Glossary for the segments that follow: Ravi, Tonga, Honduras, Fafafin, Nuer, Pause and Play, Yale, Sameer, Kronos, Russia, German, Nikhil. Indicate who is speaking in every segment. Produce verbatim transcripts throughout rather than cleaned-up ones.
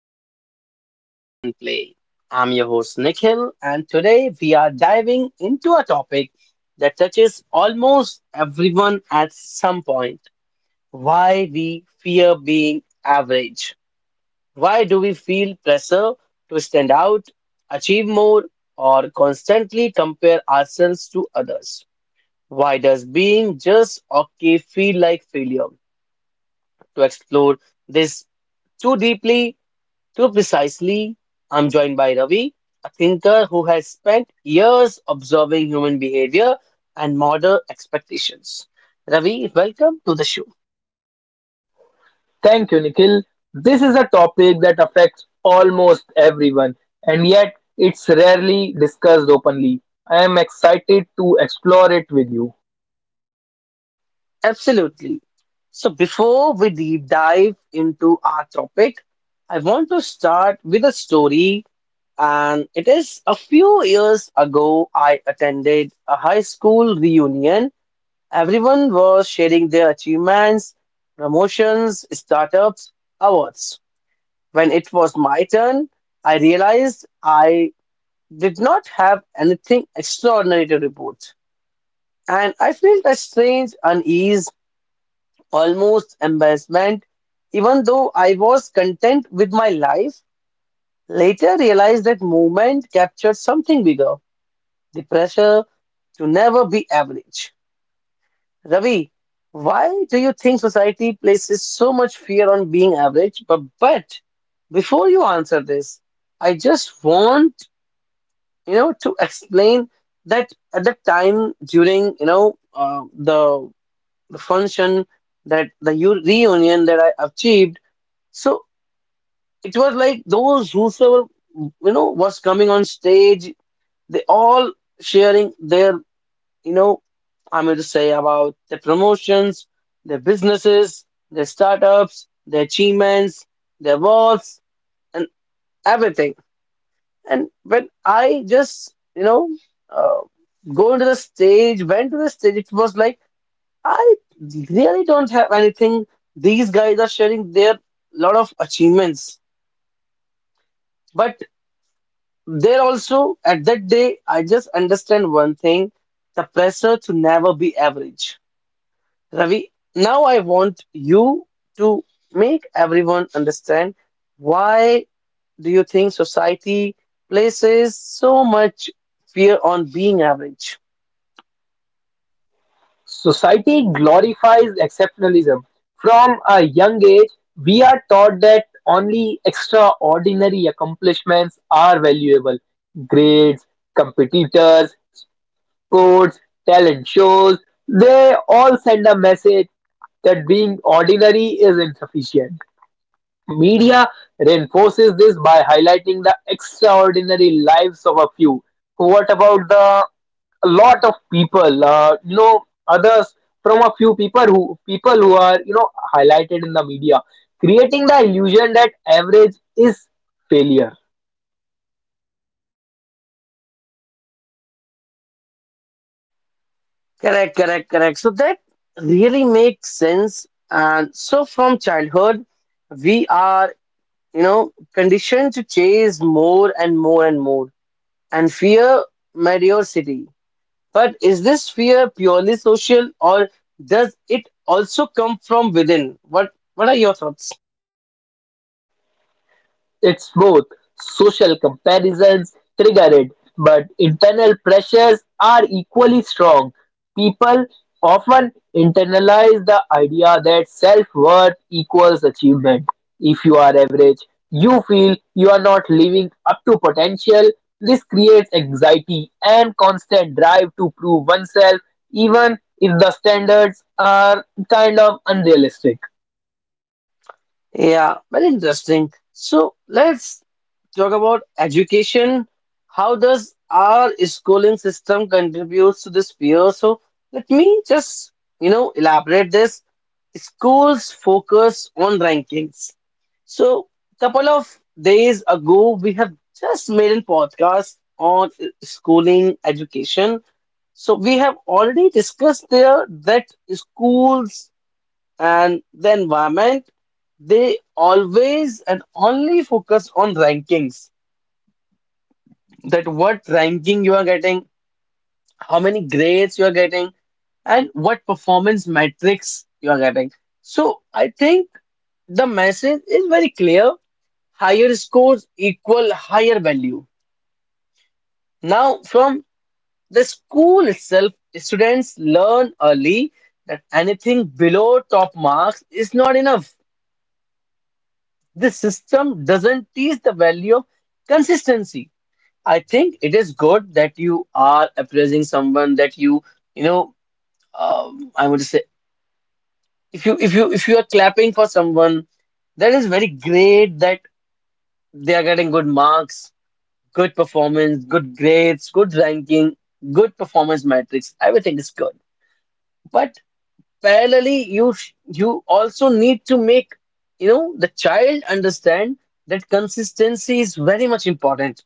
Speaker 1: of Pause and Play. I'm your host, Nikhil, and today we are diving into a topic that touches almost everyone at some point: why we fear being average. Why do we feel pressure to stand out, achieve more, or constantly compare ourselves to others? Why does being just okay feel like failure? To explore this too deeply, too precisely, I'm joined by Ravi, a thinker who has spent years observing human behavior and model expectations. Ravi, welcome to the show.
Speaker 2: Thank you, Nikhil. This is a topic that affects almost everyone, and yet it's rarely discussed openly. I am excited to explore it with you.
Speaker 1: Absolutely. So, before we deep dive into our topic, I want to start with a story. And it is a few years ago, I attended a high school reunion. Everyone was sharing their achievements, promotions, startups, awards. When it was my turn, I realized I did not have anything extraordinary to report. And I felt a strange unease, almost embarrassment, even though I was content with my life. Later realized that movement captured something bigger, the pressure to never be average. Ravi, why do you think society places so much fear on being average? But, but before you answer this, I just want you know to explain that at the time during you know uh, the the function that the u- reunion that I achieved, so it was like those whosoever you know was coming on stage, they all sharing their you know, I'm going to say about the promotions, their businesses, their startups, their achievements, their awards, and everything. And when I just, you know, uh, go into the stage, went to the stage, it was like, I really don't have anything. These guys are sharing their lot of achievements. But there also, at that day, I just understand one thing: the pressure to never be average. Ravi, now I want you to make everyone understand, why do you think society places so much fear on being average?
Speaker 2: Society glorifies exceptionalism. From a young age, we are taught that only extraordinary accomplishments are valuable. Grades, competitors, sports, talent shows, they all send a message that being ordinary is insufficient. Media reinforces this by highlighting the extraordinary lives of a few. What about the a lot of people, uh, you know, others from a few people who people who are you know highlighted in the media, creating the illusion that average is failure.
Speaker 1: Correct, correct, correct. So that really makes sense. And so from childhood, we are, you know, conditioned to chase more and more and more and fear mediocrity. But is this fear purely social, or does it also come from within? What what are your thoughts?
Speaker 2: It's both social comparisons trigger it, but internal pressures are equally strong. People often internalize the idea that self worth equals achievement. If you are average, you feel you are not living up to potential. This creates anxiety and constant drive to prove oneself, even if the standards are kind of unrealistic.
Speaker 1: Yeah, very interesting. So let's talk about education. How does our schooling system contributes to this fear? So let me just, you know, elaborate this. Schools focus on rankings. So couple of days ago, we have just made a podcast on schooling education. So we have already discussed there that schools and the environment, they always and only focus on rankings. That what ranking you are getting, how many grades you are getting, and what performance metrics you are getting. So I think the message is very clear. Higher scores equal higher value. Now, from the school itself, students learn early that anything below top marks is not enough. This system doesn't teach the value of consistency. I think it is good that you are appraising someone, that you, you know, um, I would say, if you if you if you are clapping for someone, that is very great that they are getting good marks, good performance, good grades, good ranking, good performance metrics. Everything is good. But, parallelly, you sh- you also need to make you know the child understand that consistency is very much important,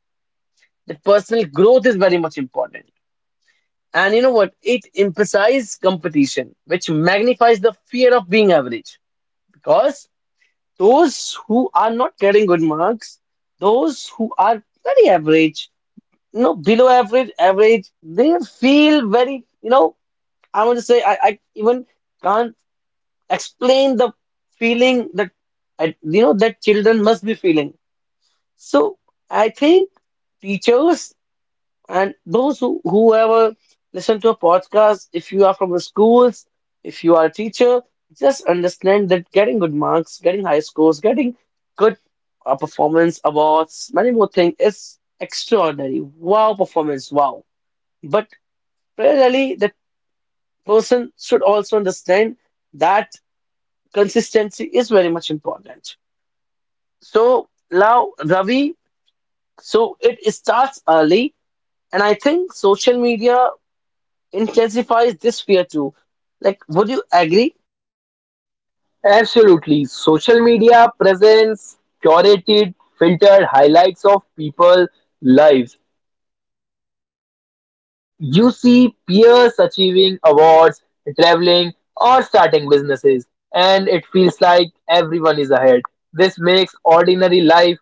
Speaker 1: that personal growth is very much important. And you know what, it emphasizes competition, which magnifies the fear of being average, because those who are not getting good marks, those who are very average, you know below average average, they feel very, you know I want to say I, I even can't explain the feeling that I- you know that children must be feeling. So I think teachers, and those who whoever listen to a podcast, if you are from the schools, if you are a teacher, just understand that getting good marks, getting high scores, getting good uh, performance awards, many more things is extraordinary. Wow, performance, wow. But parallelly, that person should also understand that consistency is very much important. So now, Ravi, so it starts early, and I think social media intensifies this fear too. Like, would you agree?
Speaker 2: Absolutely. Social media presents curated, filtered highlights of people's lives. You see peers achieving awards, traveling, or starting businesses, and it feels like everyone is ahead. This makes ordinary life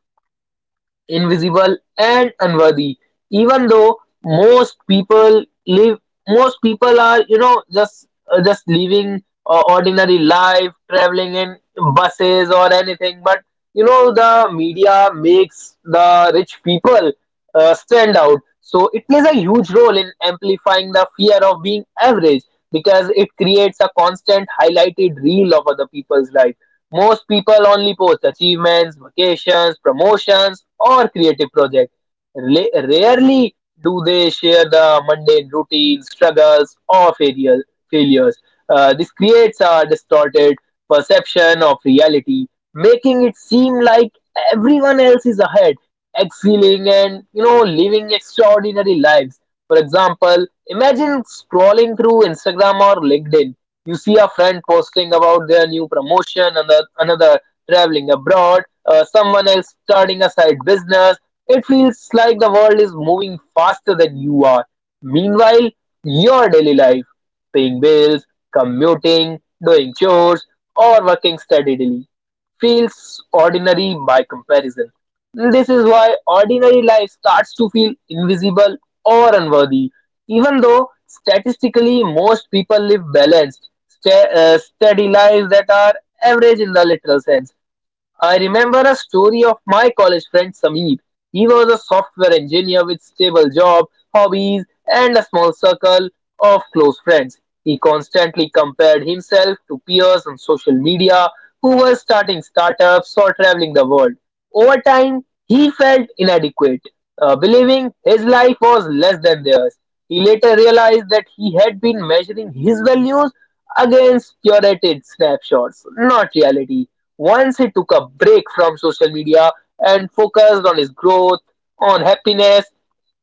Speaker 2: invisible and unworthy, even though most people live most people are you know just uh, just living uh, ordinary life, traveling in buses or anything. But you know the media makes the rich people uh, stand out, so it plays a huge role in amplifying the fear of being average, because it creates a constant highlighted reel of other people's life. Most people only post achievements, vacations, promotions, or creative projects. Ra- Rarely do they share the mundane routines, struggles, or failure- failures. Uh, this creates a distorted perception of reality, making it seem like everyone else is ahead, excelling, and you know, living extraordinary lives. For example, imagine scrolling through Instagram or LinkedIn. You see a friend posting about their new promotion, another another traveling abroad, uh, someone else starting a side business. It feels like the world is moving faster than you are. Meanwhile, your daily life, paying bills, commuting, doing chores, or working steadily, feels ordinary by comparison. This is why ordinary life starts to feel invisible or unworthy, even though statistically most people live balanced, sta- uh, steady lives that are average in the literal sense. I remember a story of my college friend Sameer. He was a software engineer with stable job, hobbies, and a small circle of close friends. He constantly compared himself to peers on social media who were starting startups or traveling the world. Over time, he felt inadequate, uh, believing his life was less than theirs. He later realized that he had been measuring his values against curated snapshots, not reality. Once he took a break from social media and focused on his growth, on happiness,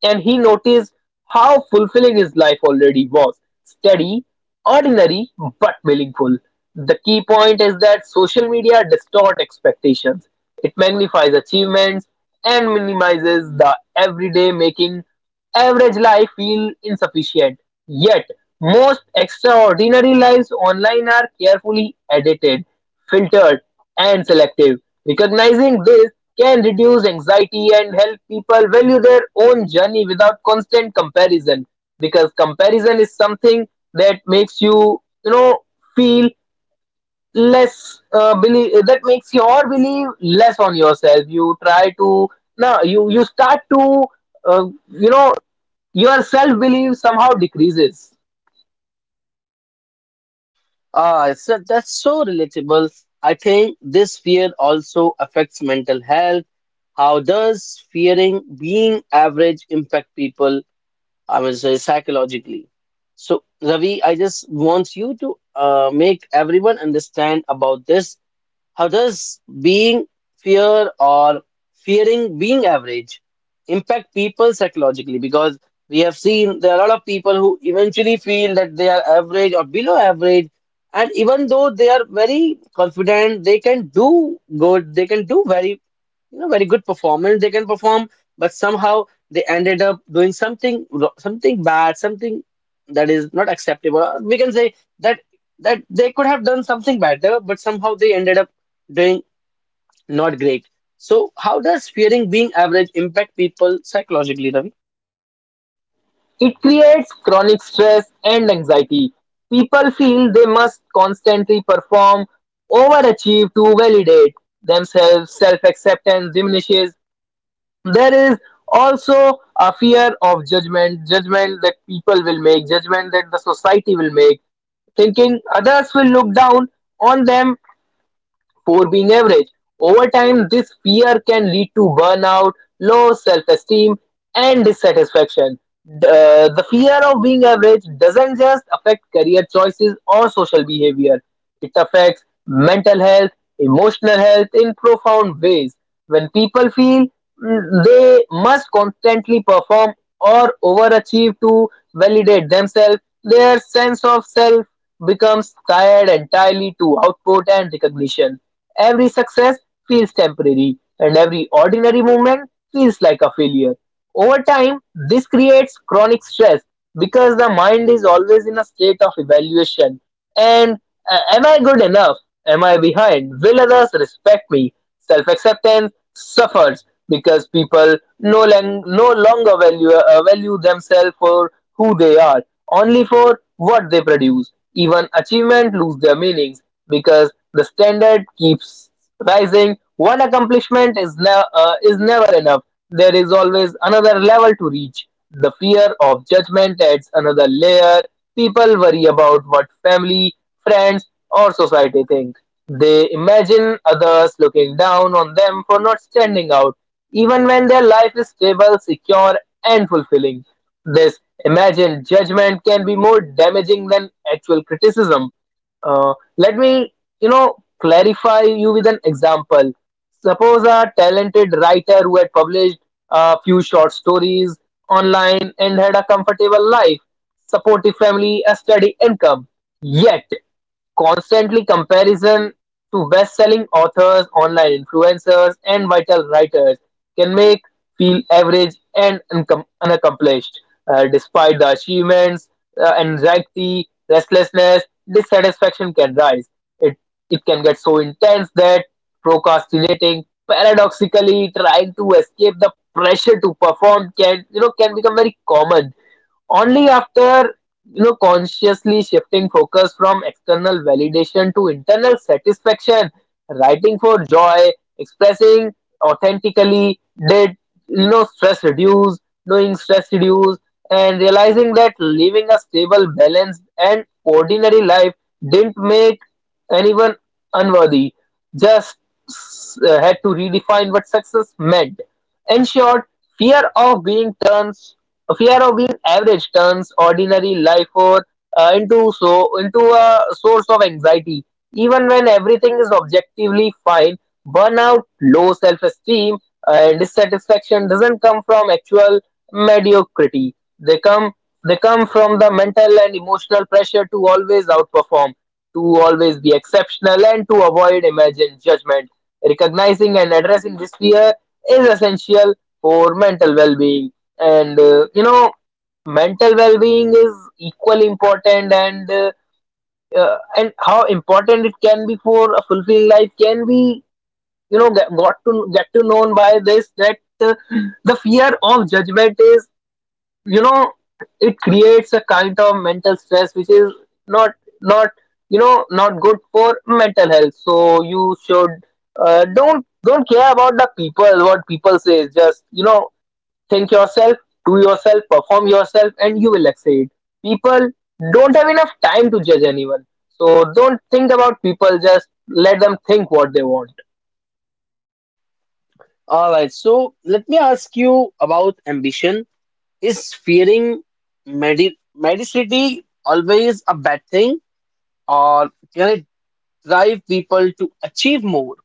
Speaker 2: and he noticed how fulfilling his life already was: steady, ordinary, but meaningful. The key point is that social media distorts expectations, it magnifies achievements and minimizes the everyday, making average life feel insufficient, yet most extraordinary lives online are carefully edited, filtered, and selective. Recognizing this can reduce anxiety and help people value their own journey without constant comparison, because comparison is something that makes you you know feel less, uh, believe, that makes your belief less on yourself. You try to Now you you start to, uh, you know your self belief somehow decreases.
Speaker 1: Ah, so that's so relatable. I think this fear also affects mental health. How does fearing being average impact people, I mean, say psychologically? So, Ravi, I just want you to uh, make everyone understand about this. How does being fear or fearing being average impact people psychologically? Because we have seen there are a lot of people who eventually feel that they are average or below average, and even though they are very confident, they can do good, they can do very you know, very good performance, they can perform, but somehow they ended up doing something wro- something bad, something that is not acceptable. Or we can say that that they could have done something better, but somehow they ended up doing not great. So how does fearing being average impact people psychologically, Ravi?
Speaker 2: It creates chronic stress and anxiety. People feel they must constantly perform, overachieve to validate themselves. Self acceptance diminishes. There is also a fear of judgment judgment that people will make, judgment that the society will make, thinking others will look down on them for being average. Over time, this fear can lead to burnout, low self esteem, and dissatisfaction. The, uh, the fear of being average doesn't just affect career choices or social behavior, it affects mental health, emotional health, in profound ways. When people feel mm, they must constantly perform or overachieve to validate themselves, their sense of self becomes tied entirely to output and recognition. Every success feels temporary, and every ordinary movement feels like a failure. Over time, this creates chronic stress because the mind is always in a state of evaluation, and, uh, am I good enough? Am I behind? Will others respect me? Self acceptance suffers because people no, lang- no longer value, uh, value themselves for who they are, only for what they produce. Even achievement lose their meanings because the standard keeps rising. One accomplishment is, ne- uh, is never enough. There is always another level to reach. The fear of judgment adds another layer. People worry about what family, friends, or society think. They imagine others looking down on them for not standing out, even when their life is stable, secure, and fulfilling. This imagined judgment can be more damaging than actual criticism. Uh, let me, you know, clarify you with an example. Suppose a talented writer who had published a few short stories online and had a comfortable life, supportive family, a steady income. Yet, constantly comparison to best-selling authors, online influencers, and vital writers can make feel average and uncom- unaccomplished. Uh, despite the achievements, uh, anxiety, restlessness, dissatisfaction can rise. It it can get so intense that procrastinating, paradoxically trying to escape the pressure to perform, can you know can become very common. Only after you know consciously shifting focus from external validation to internal satisfaction, writing for joy, expressing authentically, did you know stress reduce, doing stress reduce, and realizing that living a stable, balanced, and ordinary life didn't make anyone unworthy. Just uh, had to redefine what success meant. In short, fear of being turned fear of being average turns ordinary life, or, uh, into so into a source of anxiety. Even when everything is objectively fine, burnout, low self-esteem, and dissatisfaction doesn't come from actual mediocrity. They come they come from the mental and emotional pressure to always outperform, to always be exceptional, and to avoid imagined judgment. Recognizing and addressing this fear is essential for mental well-being, and uh, you know mental well-being is equally important, and uh, uh, and how important it can be for a fulfilling life can be, you know get, got to get to known by this, that uh, the fear of judgment is, you know it creates a kind of mental stress which is not not you know not good for mental health. So you should, uh, don't don't care about the people what people say. Just you know think yourself, do yourself, perform yourself, and you will exceed. People don't have enough time to judge anyone. So don't think about people, just let them think what they want.
Speaker 1: All right, so let me ask you about ambition. Is fearing medi mediocrity always a bad thing, or can it drive people to achieve more?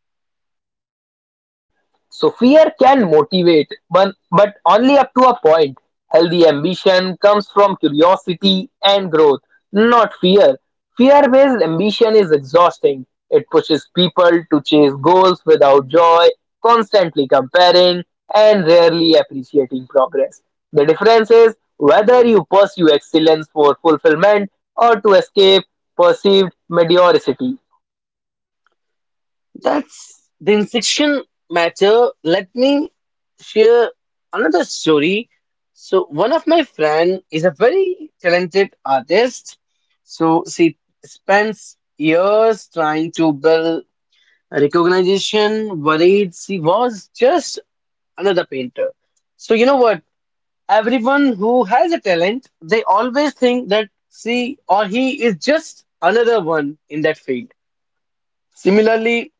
Speaker 2: So fear can motivate, but, but only up to a point. Healthy ambition comes from curiosity and growth, not fear. Fear based ambition is exhausting. It pushes people to chase goals without joy, constantly comparing, and rarely appreciating progress. The difference is whether you pursue excellence for fulfillment or to escape perceived mediocrity.
Speaker 1: That's the insection matter. Let me share another story. So one of my friend is a very talented artist. So she spends years trying to build recognition, worried she was just another painter. So you know what? Everyone who has a talent, they always think that she or he is just another one in that field. Similarly,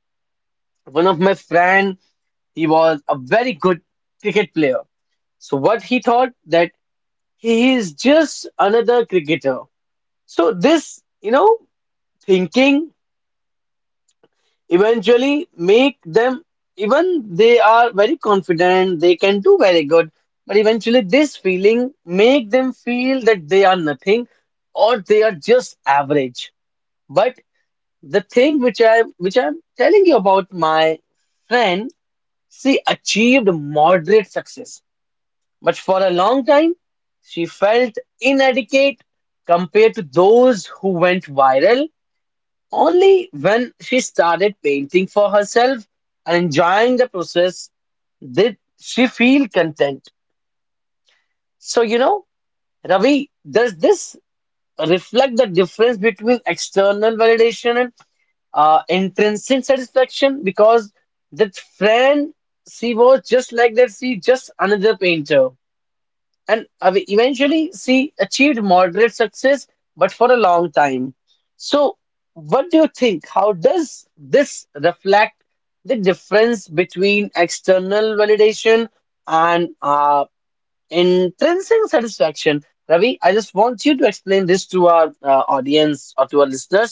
Speaker 1: one of my friend, he was a very good cricket player. So what he thought, that he is just another cricketer. So this, you know, thinking eventually make them, even they are very confident, they can do very good, but eventually this feeling make them feel that they are nothing, or they are just average. But the thing which I which I'm telling you about my friend, she achieved moderate success. But for a long time, she felt inadequate compared to those who went viral. Only when she started painting for herself and enjoying the process did she feel content. So, you know Ravi, does this reflect the difference between external validation and uh, intrinsic satisfaction? Because that friend, she was just like that, she just another painter, and av- eventually she achieved moderate success, but for a long time. So, what do you think? How does this reflect the difference between external validation and uh, intrinsic satisfaction? Ravi, I just want you to explain this to our uh, audience or to our listeners.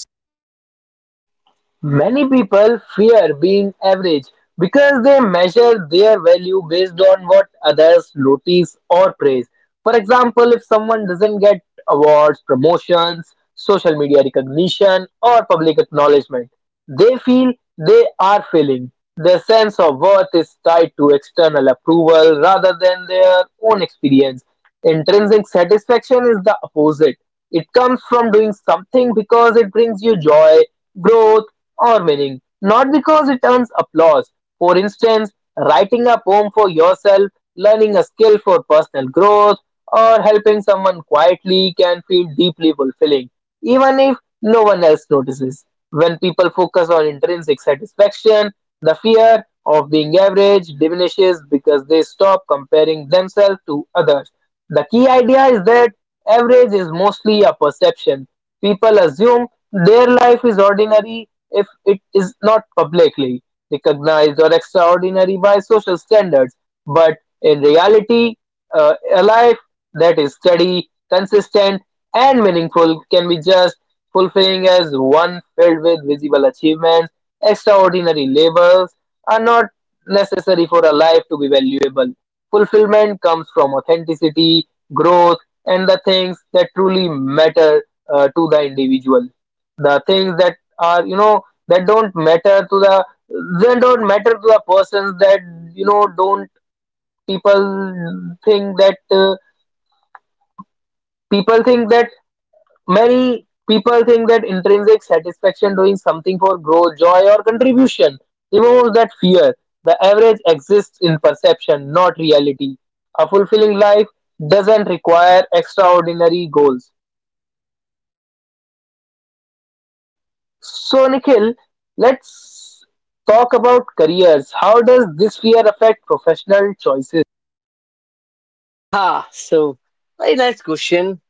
Speaker 2: Many people fear being average because they measure their value based on what others notice or praise. For example, if someone doesn't get awards, promotions, social media recognition, or public acknowledgement, they feel they are failing; their sense of worth is tied to external approval rather than their own experience. Intrinsic satisfaction is the opposite. It comes from doing something because it brings you joy, growth, or meaning, not because it earns applause. For instance, writing a poem for yourself, learning a skill for personal growth, or helping someone quietly can feel deeply fulfilling, even if no one else notices. When people focus on intrinsic satisfaction, the fear of being average diminishes because they stop comparing themselves to others. The key idea is that average is mostly a perception. People assume their life is ordinary if it is not publicly recognized or extraordinary by social standards. But in reality, uh, a life that is steady, consistent, and meaningful can be just fulfilling as one filled with visible achievements. Extraordinary labels are not necessary for a life to be valuable. Fulfillment comes from authenticity, growth, and the things that truly matter uh, to the individual. The things that are, you know, that don't matter to the they don't matter to the persons that you know don't people think that uh, people think that Many people think that intrinsic satisfaction, doing something for growth, joy, or contribution, removes that fear. The average exists in perception, not reality. A fulfilling life doesn't require extraordinary goals. So, Nikhil, let's talk about careers. How does this fear affect professional choices?
Speaker 1: Ah, so very nice question.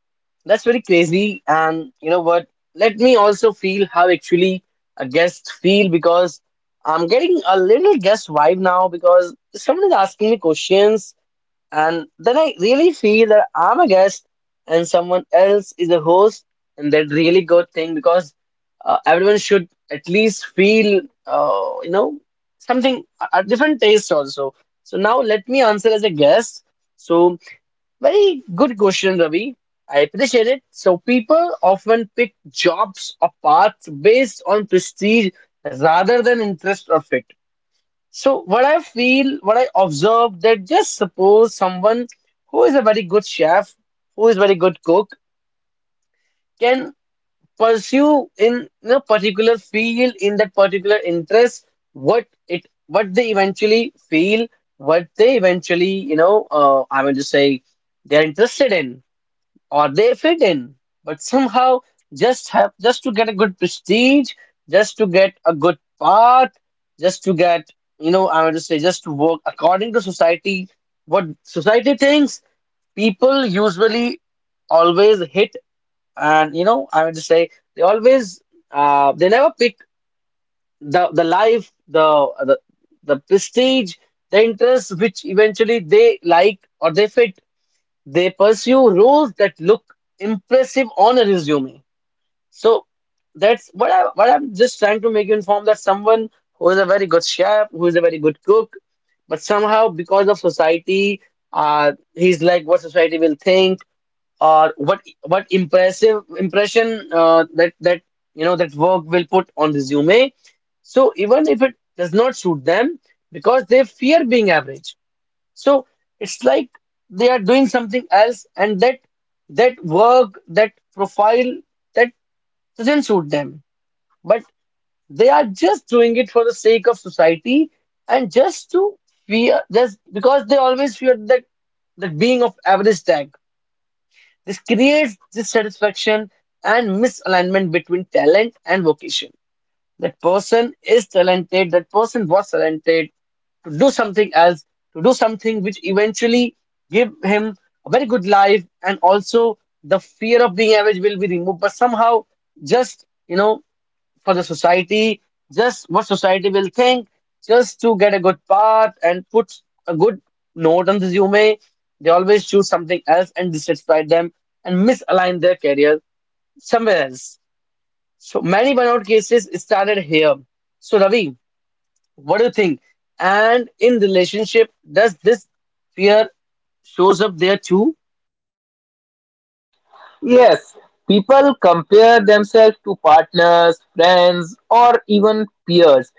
Speaker 1: That's very crazy. And you know what? Let me also feel how actually a guest feel, because I'm getting a little guest vibe now because someone is asking me questions, and then I really feel that I'm a guest and someone else is a host, and that really good thing, because uh, everyone should at least feel, uh, you know something, a a different taste also. So now let me answer as a guest. So very good question, Ravi. I appreciate it. So people often pick jobs or paths based on prestige rather than interest or fit. So what I feel, what I observe, that just suppose someone who is a very good chef, who is very good cook, can pursue in a particular field, in that particular interest, what it, what they eventually feel, what they eventually, you know, uh, I want to say, they are interested in, or they fit in, but somehow just have just to get a good prestige, just to get a good part, just to get, you know I want to say just to work according to society, what society thinks, people usually always hit, and you know I want to say they always uh, they never pick the the life the the the prestige, the interests which eventually they like or they fit, they pursue roles that look impressive on a resume. So that's what I what I'm just trying to make you inform that someone who is a very good chef, who is a very good cook, but somehow because of society, uh, he's like what society will think, or what what impressive impression uh, that that you know that work will put on resume. So even if it does not suit them, because they fear being average, so it's like they are doing something else, and that that work, that profile, that doesn't suit them. But they are just doing it for the sake of society, and just to fear, just because they always fear that that being of average tag. This creates dissatisfaction and misalignment between talent and vocation. That person is talented, that person was talented to do something else, to do something which eventually give him a very good life, and also the fear of being average will be removed. But somehow, just you know, for the society, just what society will think, just to get a good part and put a good note on the resume, they always choose something else and dissatisfy them and misalign their career somewhere else. So many burnout cases started here. So Ravi, what do you think? And in relationship, does this fear shows up there too?
Speaker 2: Yes, people compare themselves to partners, friends, or even peers.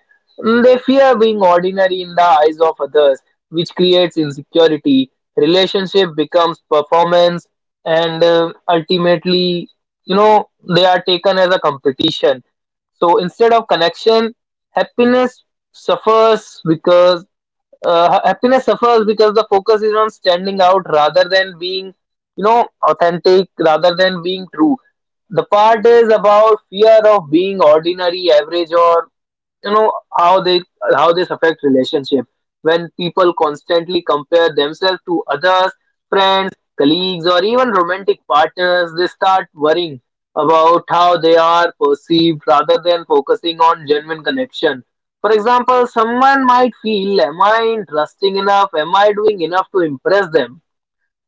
Speaker 2: Mm, They fear being ordinary in the eyes of others, which creates insecurity. Relationship becomes performance, and uh, ultimately, you know, they are taken as a competition. So instead of connection, happiness suffers because uh, happiness suffers because the focus is on standing out rather than being you know authentic, rather than being true. The part is about fear of being ordinary average, or you know how they how this affect relationship. When people constantly compare themselves to others, friends, colleagues, or even romantic partners, they start worrying about how they are perceived rather than focusing on genuine connection. For example, someone might feel, am I interesting enough? Am I doing enough to impress them?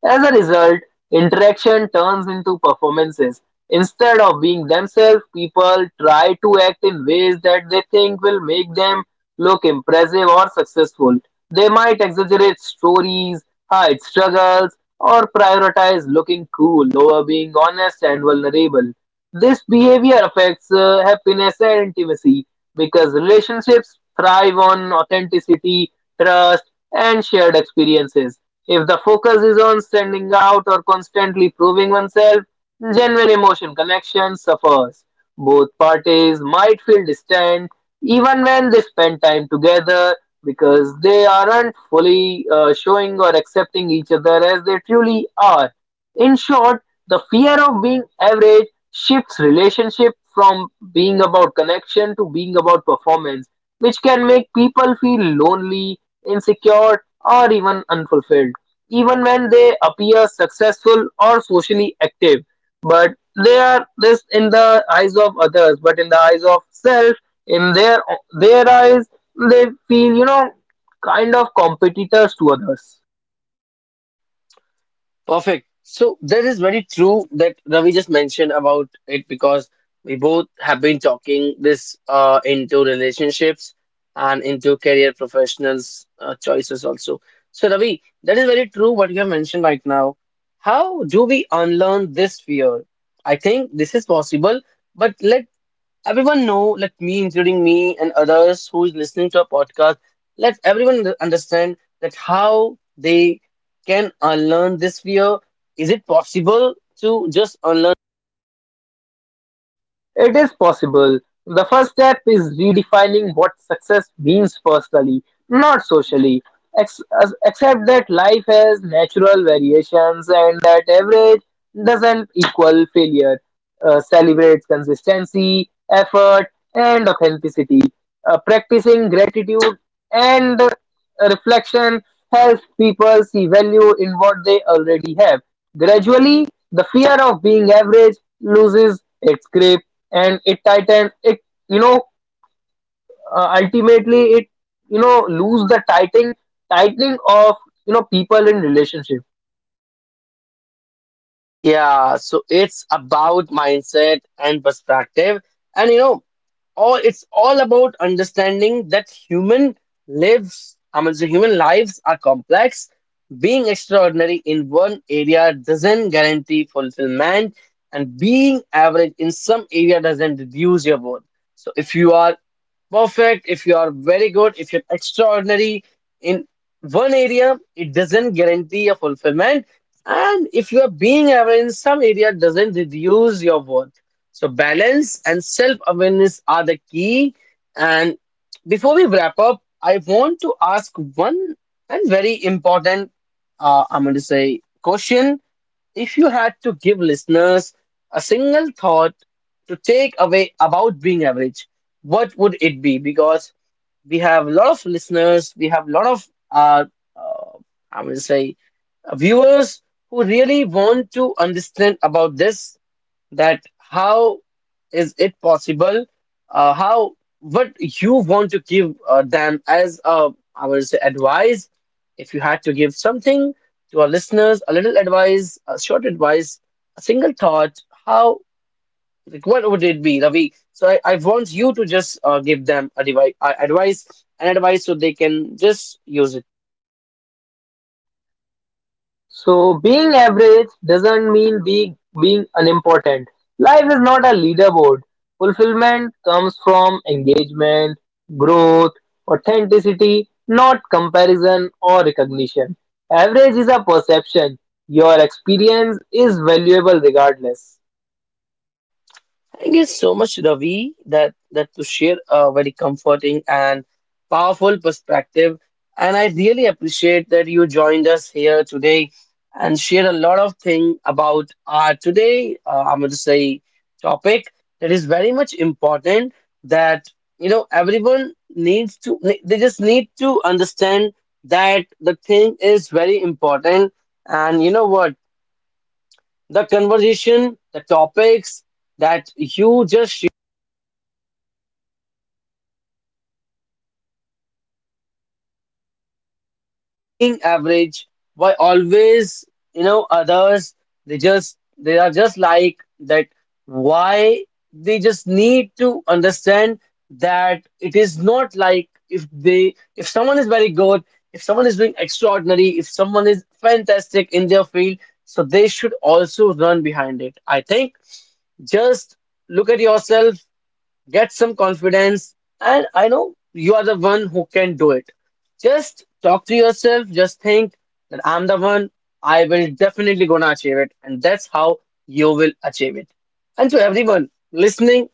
Speaker 2: As a result, interaction turns into performances. Instead of being themselves, people try to act in ways that they think will make them look impressive or successful. They might exaggerate stories, hide struggles, or prioritize looking cool over being honest and vulnerable. This behavior affects uh, happiness and intimacy, because relationships thrive on authenticity, trust, and shared experiences. If the focus is on standing out or constantly proving oneself, genuine emotion connection suffers. Both parties might feel distant even when they spend time together, because they aren't fully uh, showing or accepting each other as they truly are. In short, the fear of being average shifts relationship from being about connection to being about performance, which can make people feel lonely, insecure, or even unfulfilled, even when they appear successful or socially active. But they are this in the eyes of others; but in the eyes of self, in their their eyes, they feel, you know kind of competitors to others.
Speaker 1: Perfect. So that is very true that Ravi just mentioned about it because we both have been talking this uh, into relationships and into career professionals uh, choices also. So Ravi, that is very true what you have mentioned right now. How do we unlearn this fear? I think this is possible, but let everyone know, let me, including me and others who is listening to our podcast, let everyone un- understand that how they can unlearn this fear. Is it possible to just unlearn?
Speaker 2: It is possible. The first step is redefining what success means personally, not socially. Ex- accept that life has natural variations and that average doesn't equal failure. Uh, celebrates consistency, effort, and authenticity. Uh, practicing gratitude and reflection helps people see value in what they already have. Gradually, the fear of being average loses its grip, and it tightens it, you know uh, ultimately it, you know lose the tightening tightening of, you know people in relationship.
Speaker 1: Yeah, so it's about mindset and perspective. And you know, all it's all about understanding that human lives I mean the human lives are complex, being extraordinary in one area doesn't guarantee fulfillment and being average in some area doesn't reduce your worth. So if you are perfect, if you are very good, if you're extraordinary in one area, it doesn't guarantee your fulfillment, and if you are being average in some area doesn't reduce your worth. So balance and self-awareness are the key. And before we wrap up, I want to ask one and very important, uh, I'm going to say, question. If you had to give listeners a single thought to take away about being average, what would it be? Because we have a lot of listeners, we have a lot of, uh, uh, I'm going to say, viewers who really want to understand about this, that how is it possible? Uh, how what you want to give uh, them as uh, I would say advice? If you had to give something to our listeners, a little advice, a short advice, a single thought, how like what would it be, Ravi? So I, I want you to just uh, give them a devi- uh, advice, an advice so they can just use it.
Speaker 2: So being average doesn't mean be being unimportant. Life is not a leaderboard. Fulfillment comes from engagement, growth, authenticity, not comparison or recognition. Average is a perception. Your experience is valuable regardless.
Speaker 1: Thank you so much, Ravi, that that to share a very comforting and powerful perspective. And I really appreciate that you joined us here today and shared a lot of thing about our today. Uh, I'm going to say topic that is very much important. That you know everyone needs to, they just need to understand that the thing is very important. And you know what, the conversation, the topics that you just being average, why always, you know, others, they just, they are just like that. Why they just need to understand that it is not like if they, if someone is very good, if someone is doing extraordinary, if someone is fantastic in their field, so they should also run behind it. I think just look at yourself, get some confidence, and I know you are the one who can do it. Just talk to yourself, just think that I'm the one, I will definitely gonna achieve it, and that's how you will achieve it. And to everyone listening,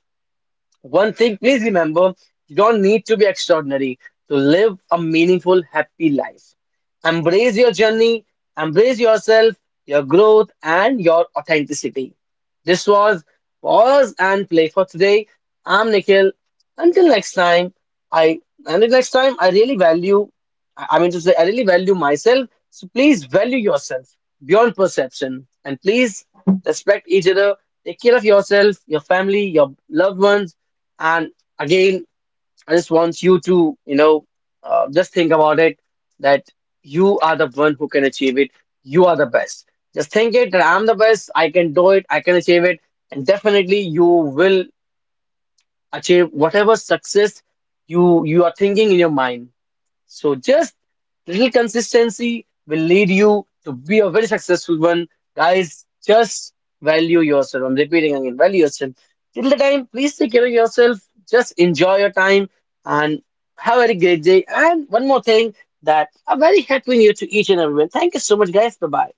Speaker 1: one thing, please remember, you don't need to be extraordinary to live a meaningful, happy life. Embrace your journey, embrace yourself, your growth, and your authenticity. This was Pause and Play for today. I'm Nikhil. Until next time, I until next time, I really value, I I mean to say, I really value myself. So please value yourself beyond perception. And please respect each other. Take care of yourself, your family, your loved ones, and again, I just want you to, you know, uh, just think about it that you are the one who can achieve it. You are the best. Just think it that I'm the best. I can do it. I can achieve it. And definitely, you will achieve whatever success you you are thinking in your mind. So just little consistency will lead you to be a very successful one. Guys, just value yourself. I'm repeating again, value yourself. Till the time, please take care of yourself. Just enjoy your time and have a very great day. And one more thing that a very happy new year to each and everyone. Thank you so much, guys. Bye bye.